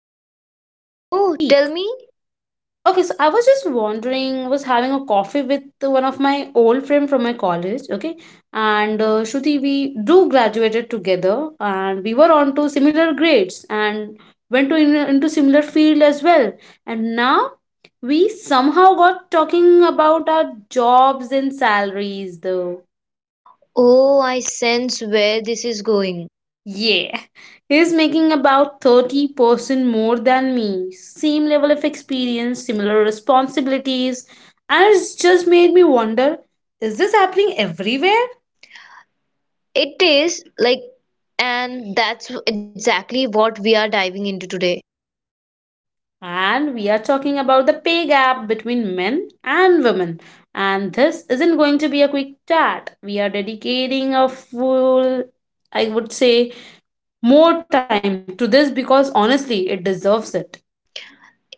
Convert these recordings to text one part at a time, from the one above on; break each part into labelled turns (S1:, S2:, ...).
S1: week.
S2: Oh, tell me.
S1: Okay, so I was just wondering, was having a coffee with one of my old friend from my college, okay? And Shruti, we do graduated together and we were on to similar grades and went into similar field as well. And now we somehow got talking about our jobs and salaries, though.
S2: Oh, I sense where this is going.
S1: Yeah, he's making about 30% more than me. Same level of experience, similar responsibilities, and it's just made me wonder, is this happening everywhere?
S2: It is like, and that's exactly what we are diving into today.
S1: And we are talking about the pay gap between men and women. And this isn't going to be a quick chat. We are dedicating a full, I would say, more time to this because honestly, it deserves it.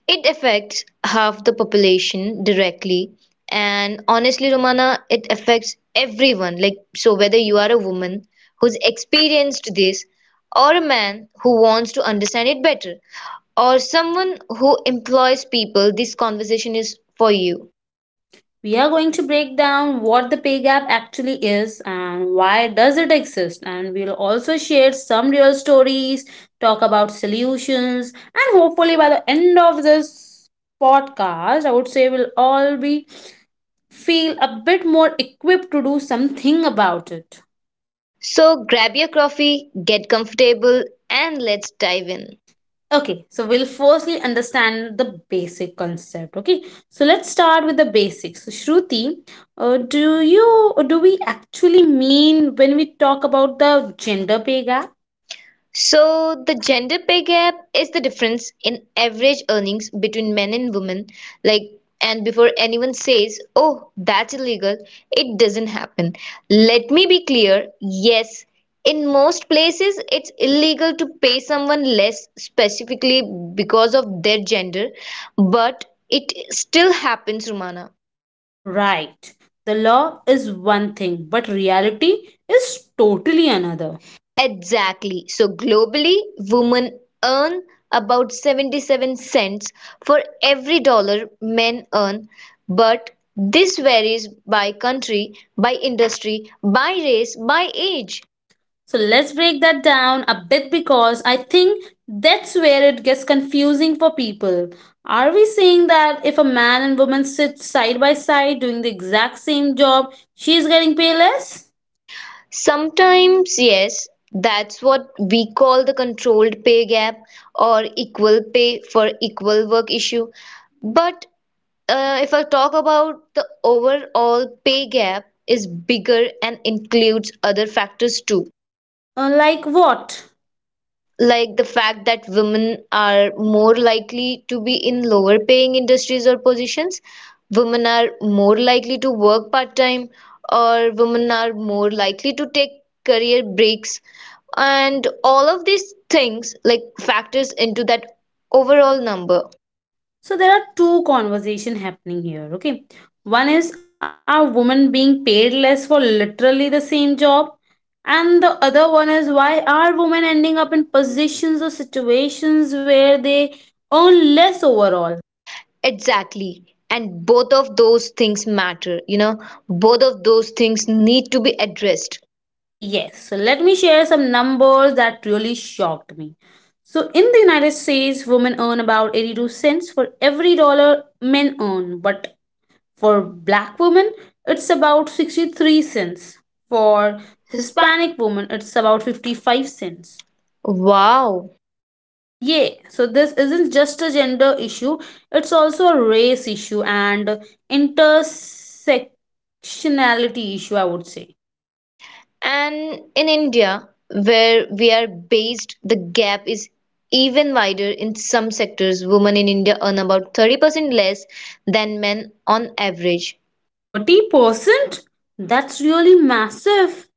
S2: It affects half the population directly. And honestly, Romana, it affects everyone. So whether you are a woman who's experienced this, or a man who wants to understand it better, or someone who employs people, this conversation is for you.
S1: We are going to break down what the pay gap actually is and why does it exist, and we'll also share some real stories, talk about solutions, and hopefully by the end of this podcast I would say we'll all be feel a bit more equipped to do something about it.
S2: So grab your coffee, get comfortable, and let's dive in.
S1: Okay, so we'll firstly understand the basic concept. Okay, so let's start with the basics. So Shruti, do you do we actually mean when we talk about the gender pay gap?
S2: So, the gender pay gap is the difference in average earnings between men and women. Like, and before anyone says, oh, that's illegal, it doesn't happen. Let me be clear, yes, in most places, it's illegal to pay someone less specifically because of their gender, but it still happens, Rumana.
S1: Right, the law is one thing, but reality is totally another.
S2: Exactly. So globally, women earn about 77 cents for every dollar men earn, but this varies by country, by industry, by race, by age.
S1: So let's break that down a bit because I think that's where it gets confusing for people. Are we saying that if a man and woman sit side by side doing the exact same job, she's getting paid less?
S2: Sometimes, yes, that's what we call the controlled pay gap or equal pay for equal work issue. But if I talk about, the overall pay gap is bigger and includes other factors too.
S1: Like what?
S2: Like the fact that women are more likely to be in lower paying industries or positions, women are more likely to work part time, or women are more likely to take career breaks, and all of these things like factors into that overall number.
S1: So there are two conversations happening here, okay? One is, are women being paid less for literally the same job? And the other one is, why are women ending up in positions or situations where they earn less overall?
S2: Exactly, and both of those things matter, you know, both of those things need to be addressed.
S1: Yes, so let me share some numbers that really shocked me. So, in the United States, women earn about 82 cents for every dollar men earn, but for black women, it's about 63 cents. For
S2: For Hispanic,
S1: Hispanic women, it's about 55 cents.
S2: wow.
S1: Yeah, so this isn't just a gender issue, it's also a race issue and intersectionality issue, I would say.
S2: And in India, where we are based, the gap is even wider in some sectors. Women in India earn about 30% less than men on average.
S1: 30%? That's really massive.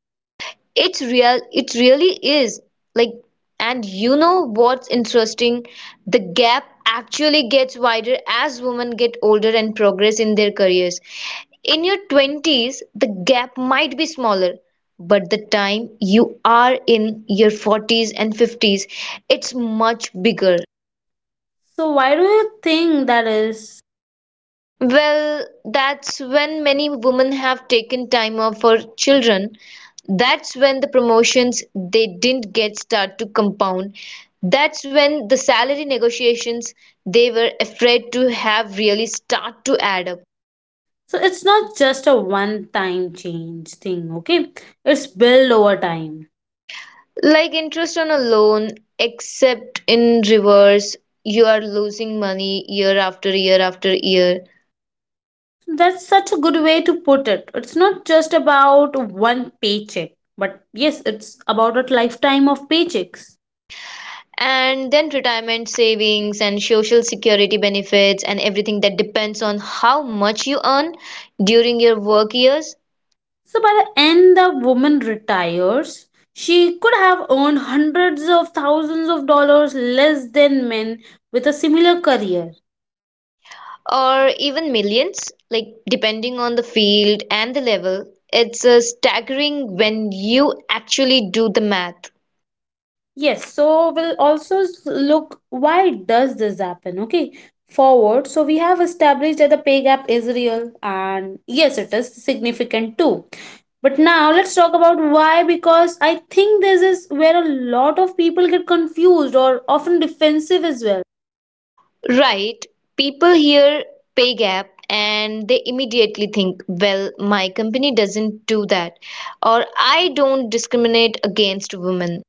S2: It's real, it really is. Like, and you know what's interesting? The gap actually gets wider as women get older and progress in their careers. In your 20s, the gap might be smaller, but the time you are in your 40s and 50s, it's much bigger.
S1: So why do you think that is?
S2: Well, that's when many women have taken time off for children. That's when the promotions they didn't get start to compound. That's when the salary negotiations they were afraid to have really start to add up.
S1: So it's not just a one time change thing, okay? It's built over time.
S2: Like interest on a loan, except in reverse, you are losing money year after year after year.
S1: That's such a good way to put it. It's not just about one paycheck, but yes, it's about a lifetime of paychecks.
S2: And then retirement savings and social security benefits and everything that depends on how much you earn during your work years.
S1: So by the end the woman retires, she could have earned hundreds of thousands of dollars less than men with a similar career.
S2: Or even millions, like depending on the field and the level, it's staggering when you actually do the math.
S1: Yes, so we'll also look, why does this happen, okay? Forward, so we have established that the pay gap is real, and yes, it is significant too. But now let's talk about why, because I think this is where a lot of people get confused or often defensive as well.
S2: Right, people hear pay gap and they immediately think, well, my company doesn't do that, or I don't discriminate against women.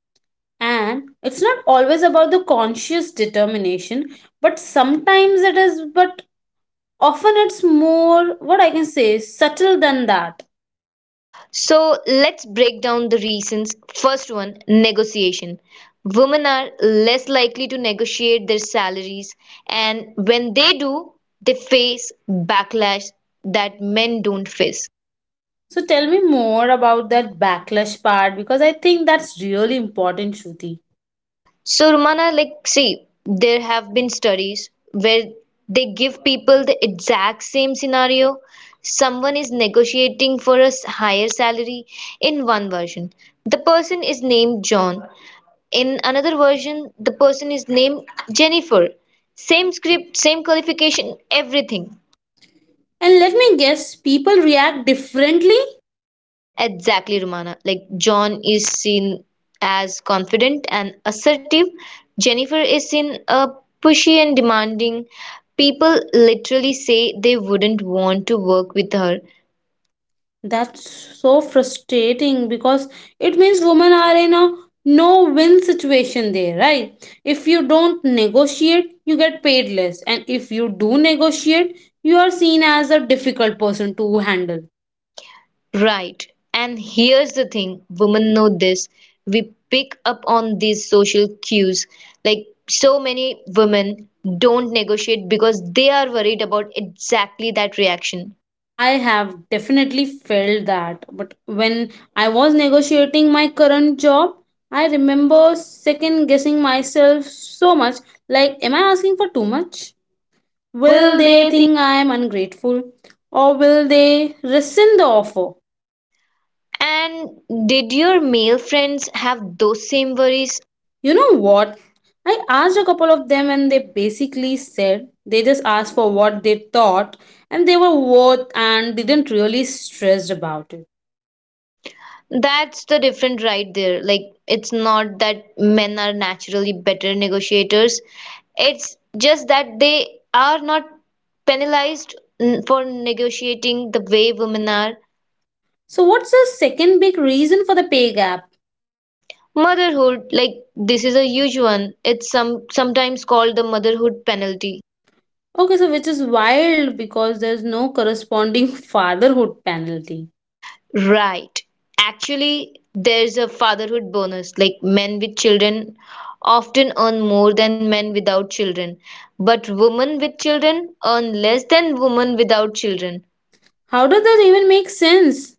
S1: And it's not always about the conscious determination, but sometimes it is, but often it's more what I can say subtle than that.
S2: So let's break down the reasons. First one, negotiation. Women are less likely to negotiate their salaries, and when they do, they face backlash that men don't face.
S1: So tell me more about that backlash part because I think that's really important, Shruti.
S2: So, Romana, see, there have been studies where they give people the exact same scenario. Someone is negotiating for a higher salary. In one version, the person is named John. In another version, the person is named Jennifer. Same script, same qualification, everything.
S1: And let me guess, people react differently?
S2: Exactly, Romana. Like, John is seen as confident and assertive. Jennifer is seen pushy and demanding. People literally say they wouldn't want to work with her.
S1: That's so frustrating because it means women are in a no win situation there, right? If you don't negotiate, you get paid less. And if you do negotiate, you are seen as a difficult person to handle.
S2: Right. And here's the thing, women know this. We pick up on these social cues. Like, so many women don't negotiate because they are worried about exactly that reaction.
S1: I have definitely felt that. But when I was negotiating my current job, I remember second guessing myself so much. Like, am I asking for too much? Will
S2: Will
S1: they
S2: they think?
S1: think I am ungrateful? Or will they rescind the offer?
S2: And did your male friends have those same worries?
S1: You know what? I asked a couple of them and they basically said they just asked for what they thought and they were worth and didn't really stress about it.
S2: That's the difference right there. Like, it's not that men are naturally better negotiators. It's just that they are not penalized for negotiating the way women are.
S1: So what's the second big reason for the pay gap?
S2: Motherhood, like this is a huge one. It's sometimes called the motherhood penalty.
S1: Okay, so which is wild because there's no corresponding fatherhood penalty.
S2: Right. Actually, there's a fatherhood bonus. Like, men with children often earn more than men without children, but women with children earn less than women without children.
S1: How does that even make sense?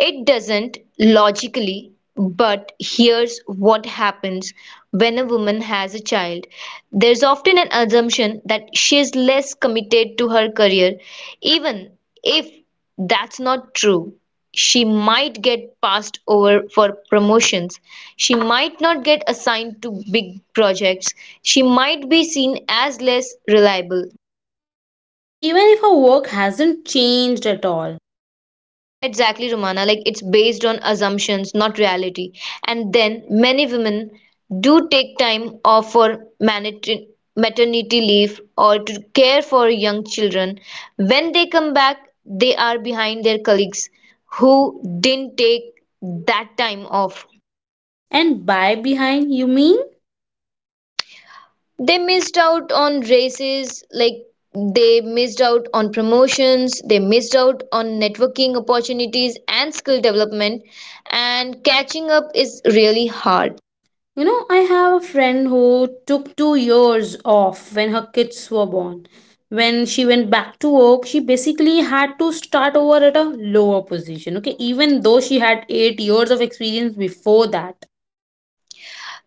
S2: It doesn't logically, but here's what happens when a woman has a child. There's often an assumption that she is less committed to her career, even if that's not true. She might get passed over for promotions. She might not get assigned to big projects. She might be seen as less reliable.
S1: Even if her work hasn't changed at all.
S2: Exactly, Romana. Like, it's based on assumptions, not reality. And then many women do take time off for maternity leave or to care for young children. When they come back, they are behind their colleagues who didn't take that time off.
S1: And by behind, you mean?
S2: They missed out on races, like they missed out on promotions, they missed out on networking opportunities and skill development. And catching up is really hard.
S1: You know, I have a friend who took 2 years off when her kids were born. When she went back to work, she basically had to start over at a lower position. Okay, even though she had 8 years of experience before that.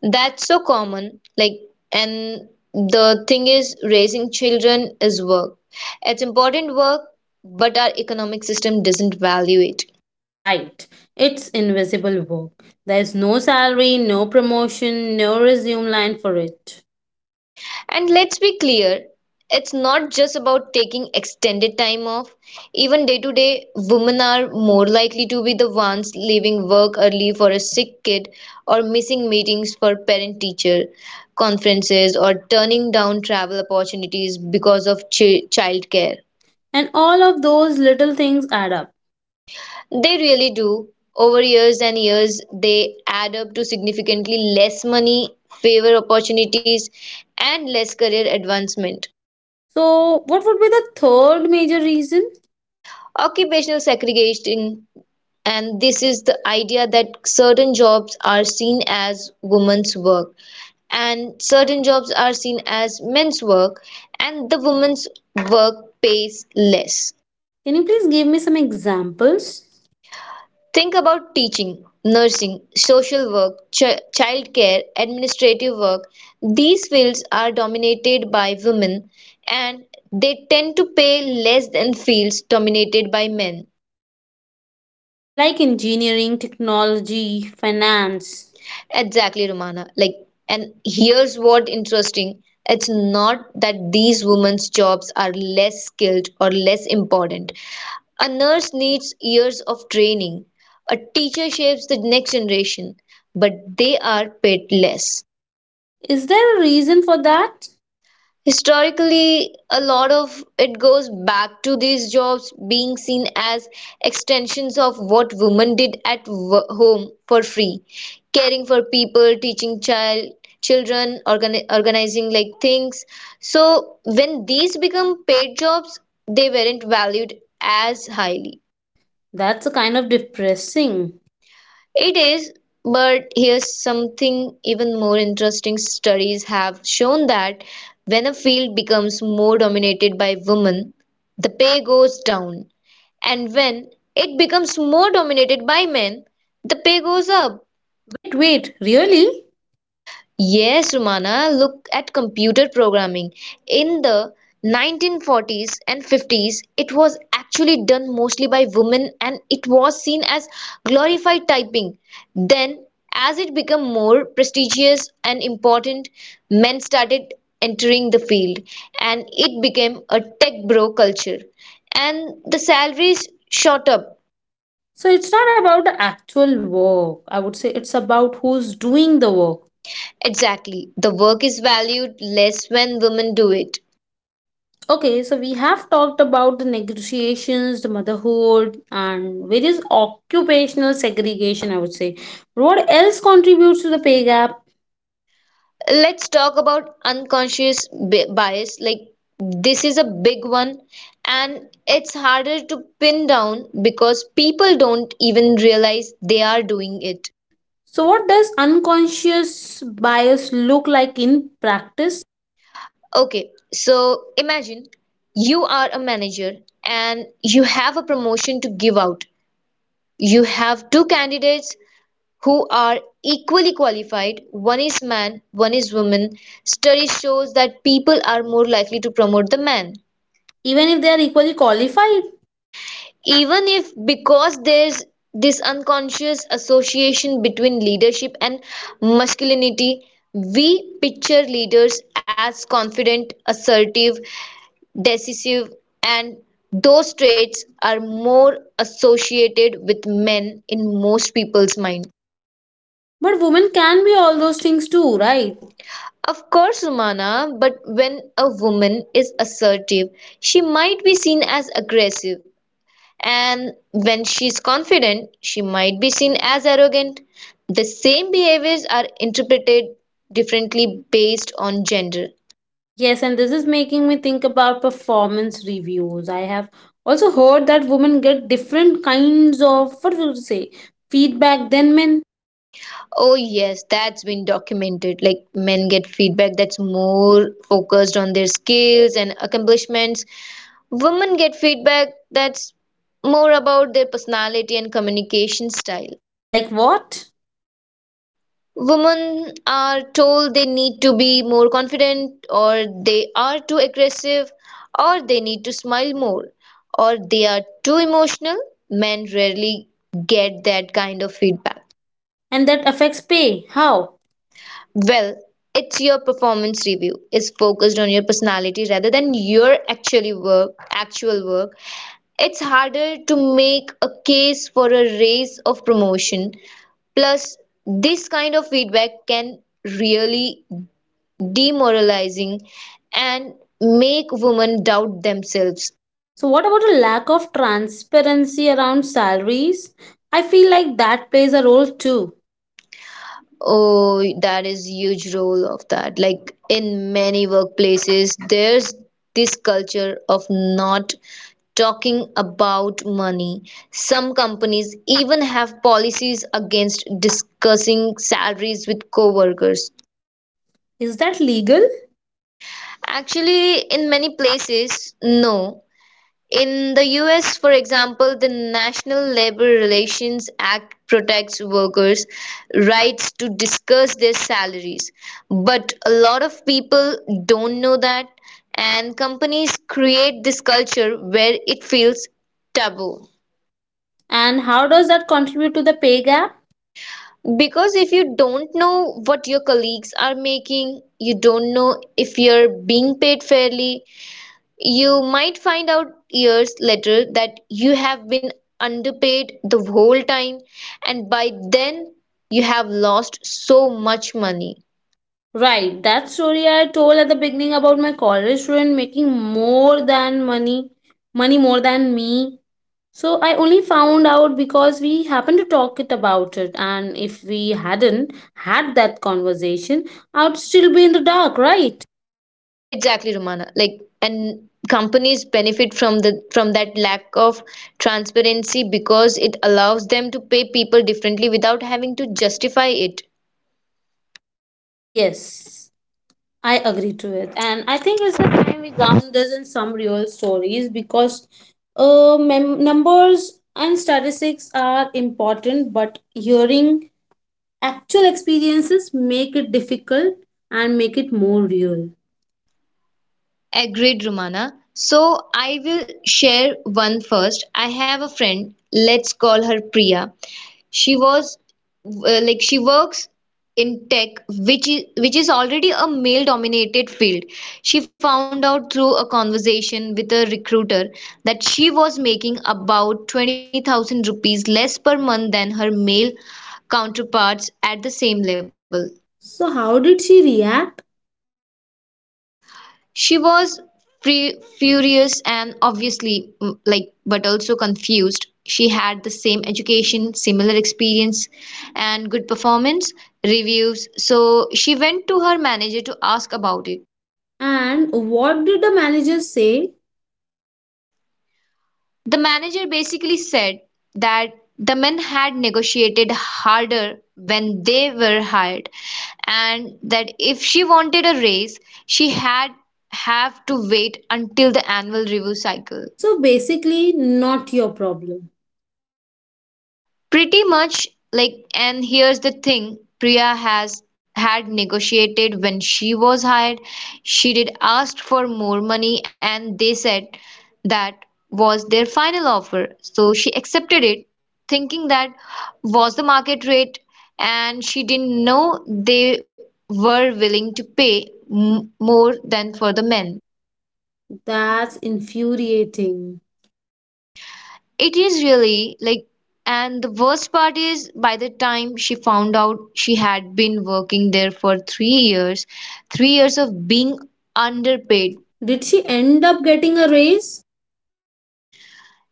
S2: That's so common. And the thing is, raising children is work. It's important work, but our economic system doesn't value it.
S1: Right. It's invisible work. There's no salary, no promotion, no resume line for it.
S2: And let's be clear, it's not just about taking extended time off. Even day to day, women are more likely to be the ones leaving work early for a sick kid or missing meetings for parent teacher conferences or turning down travel opportunities because of childcare.
S1: And all of those little things add up.
S2: They really do. Over years and years, they add up to significantly less money, fewer opportunities, and less career advancement.
S1: So, what would be the third major reason?
S2: Occupational segregation. And this is the idea that certain jobs are seen as women's work, and certain jobs are seen as men's work, and the women's work pays less.
S1: Can you please give me some examples?
S2: Think about teaching, nursing, social work, childcare, administrative work. These fields are dominated by women, and they tend to pay less than fields dominated by men.
S1: Like engineering, technology, finance.
S2: Exactly, Romana. Like, and here's what interesting. It's not that these women's jobs are less skilled or less important. A nurse needs years of training. A teacher shapes the next generation, but they are paid less.
S1: Is there a reason for that?
S2: Historically, a lot of it goes back to these jobs being seen as extensions of what women did at home for free, caring for people, teaching children, organizing like things. So when these become paid jobs, they weren't valued as highly.
S1: That's a kind of depressing.
S2: It is, but here's something even more interesting. Studies have shown that when a field becomes more dominated by women, the pay goes down. And when it becomes more dominated by men, the pay goes up.
S1: Wait, wait, really?
S2: Yes, Rumana, look at computer programming. In the 1940s and 50s, it was actually done mostly by women and it was seen as glorified typing. Then, as it became more prestigious and important, men started entering the field, and it became a tech bro culture. And the salaries shot up.
S1: So, it's not about the actual work. I would say it's about who's doing the work.
S2: Exactly. The work is valued less when women do it.
S1: Okay, so we have talked about the negotiations, the motherhood, and various occupational segregation, I would say. But what else contributes to the pay gap?
S2: Let's talk about unconscious bias. Like, this is a big one, and it's harder to pin down because people don't even realize they are doing it.
S1: It. So, what does unconscious bias look like in practice?
S2: Okay, so imagine you are a manager and you have a promotion to give out. You have two candidates who are equally qualified. One is man, one is woman. Study shows that people are more likely to promote the man.
S1: Even if they are equally qualified,
S2: Even if, because there's this unconscious association between leadership and masculinity, we picture leaders as confident, assertive, decisive, and those traits are more associated with men in most people's mind.
S1: but women can be all those things too, right?
S2: Right. Of course, Romana, but when a woman is assertive, she might be seen as aggressive. And when she's confident, she might be seen as arrogant. The same behaviors are interpreted differently based on gender.
S1: Yes, and this is making me think about performance reviews. I have also heard that women get different kinds of what would you say feedback than men.
S2: Oh, yes, that's been documented. Like, men get feedback that's more focused on their skills and accomplishments, women get feedback that's more about their personality and communication style.
S1: Like what?
S2: Women are told they need to be more confident, or they are too aggressive, or they need to smile more, or they are too emotional. Men rarely get that kind of feedback.
S1: And that affects pay. How?
S2: Well, it's, your performance review is focused on your personality rather than your actual work. It's harder to make a case for a raise of promotion. Plus, this kind of feedback can really demoralizing, and make women doubt themselves.
S1: So, what about a lack of transparency around salaries? I feel like that plays a role too.
S2: Oh, that is huge role of that. Like, in many workplaces, there's this culture of not talking about money. Some companies even have policies against discussing salaries with coworkers.
S1: Is that legal?
S2: Actually, in many places, no. In the US, for example, the National Labor Relations Act protects workers' rights to discuss their salaries. But a lot of people don't know that, and companies create this culture where it feels taboo.
S1: And how does that contribute to the pay gap?
S2: Because if you don't know what your colleagues are making, you don't know if you're being paid fairly. You might find out years later that you have been underpaid the whole time, and by then you have lost so much money.
S1: Right, that story I told at the beginning about my college student making more than money, money more than me. So I only found out because we happened to talk it about it, and if we hadn't had that conversation, I'd still be in the dark, right?
S2: Exactly, Romana. Like, and companies benefit from the from that lack of transparency because it allows them to pay people differently without having to justify it.
S1: Yes, I agree to it. And I think it's the time we ground this in some real stories because numbers and statistics are important, but hearing actual experiences make it difficult and make it more real.
S2: Agreed, Romana. So I will share one first. I have a friend, let's call her Priya. She was she works in tech, which is already a male-dominated field. She found out through a conversation with a recruiter that she was making about 20,000 rupees less per month than her male counterparts at the same level.
S1: So, how did she react?
S2: She was furious and obviously but also confused. She had the same education, similar experience and good performance reviews. So she went to her manager to ask about it.
S1: And what did the manager say?
S2: The manager basically said that the men had negotiated harder when they were hired, and that if she wanted a raise she had have to wait until the annual review cycle.
S1: So, basically, not your problem.
S2: Pretty much, like, and here's the thing, Priya has had negotiated when she was hired. She did ask for more money, and they said that was their final offer. So she accepted it, thinking that was the market rate, and she didn't know they were willing to pay more than for the men.
S1: That's infuriating.
S2: It is really, like, and the worst part is by the time she found out she had been working there for 3 years, 3 years of being underpaid.
S1: Did she end up getting a raise?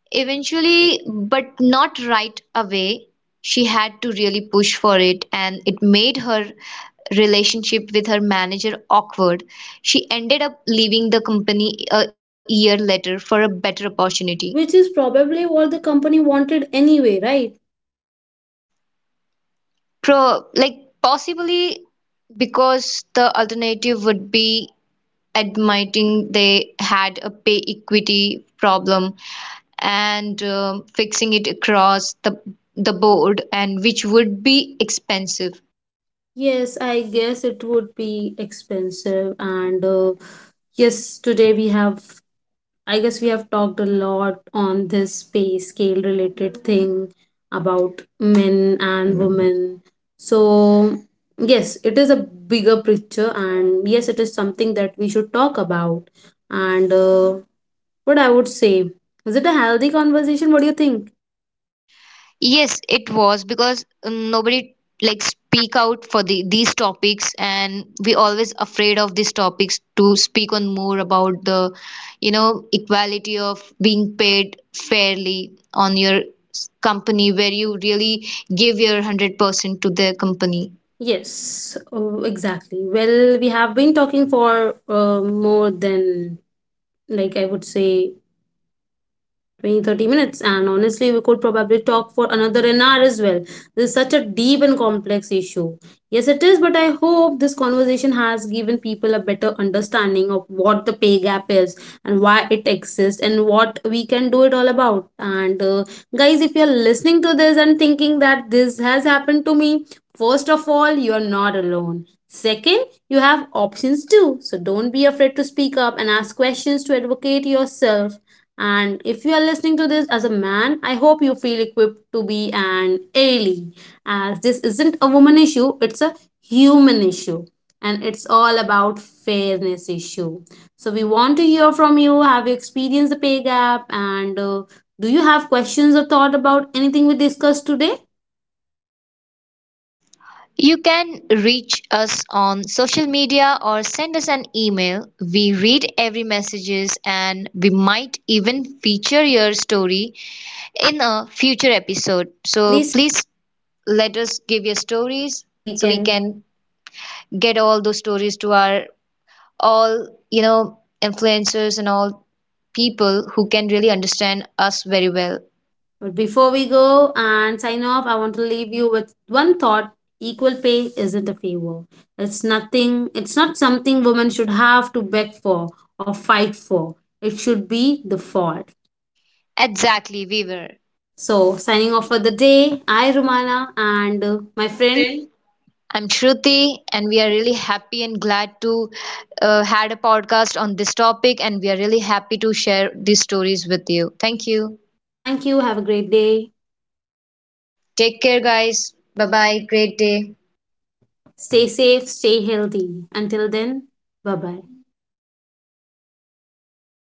S2: Eventually, but not right away, she had to really push for it, and it made her relationship with her manager awkward. She ended up leaving the company a year later for a better opportunity.
S1: Which is probably what the company wanted anyway, right?
S2: Pro, possibly because the alternative would be admitting they had a pay equity problem, and fixing it across the board, and which would be expensive.
S1: Yes, I guess it would be expensive. And yes, today we have, I guess we have talked a lot on this pay scale related thing about men and women. So, yes, it is a bigger picture, and yes, it is something that we should talk about. And what I would say, is it a healthy conversation? What do you think?
S2: Yes, it was because nobody like speak out for the these topics, and we always afraid of these topics to speak on more about the, you know, equality of being paid fairly on your company where you really give your 100% to the company.
S1: Yes, oh, exactly. Well, we have been talking for more than, like, I would say 20, 30 minutes, and honestly we could probably talk for another an hour as well. This is such a deep and complex issue. Yes it is, but I hope this conversation has given people a better understanding of what the pay gap is and why it exists and what we can do it all about. And guys, if you're listening to this and thinking that this has happened to me, first of all, you're not alone. Second, you have options too, so don't be afraid to speak up and ask questions to advocate yourself. And if you are listening to this as a man, I hope you feel equipped to be an ally, as this isn't a woman issue, it's a human issue. And it's all about fairness issue. So we want to hear from you. Have you experienced the pay gap? And do you have questions or thought about anything we discussed today?
S2: You can reach us on social media or send us an email. We read every messages and we might even feature your story in a future episode.
S1: So
S2: So
S1: please,
S2: please let us give your stories
S1: so we
S2: so we
S1: can.
S2: can get all those stories to our all, you know, influencers and all people who can really understand us very well.
S1: But before we go and sign off, I want to leave you with one thought. Equal pay isn't a favor. It's nothing, it's not something women should have to beg for or fight for. It should be the fault.
S2: Exactly, we were.
S1: So, signing off for the day, I, Romana, and my friend,
S2: I'm Shruti, and we are really happy and glad to had a podcast on this topic, and we are really happy to share these stories with you. Thank you.
S1: thank you. Have a great day.
S2: Take care, guys. Bye bye. Great day.
S1: Stay safe, stay healthy. Until then, bye bye.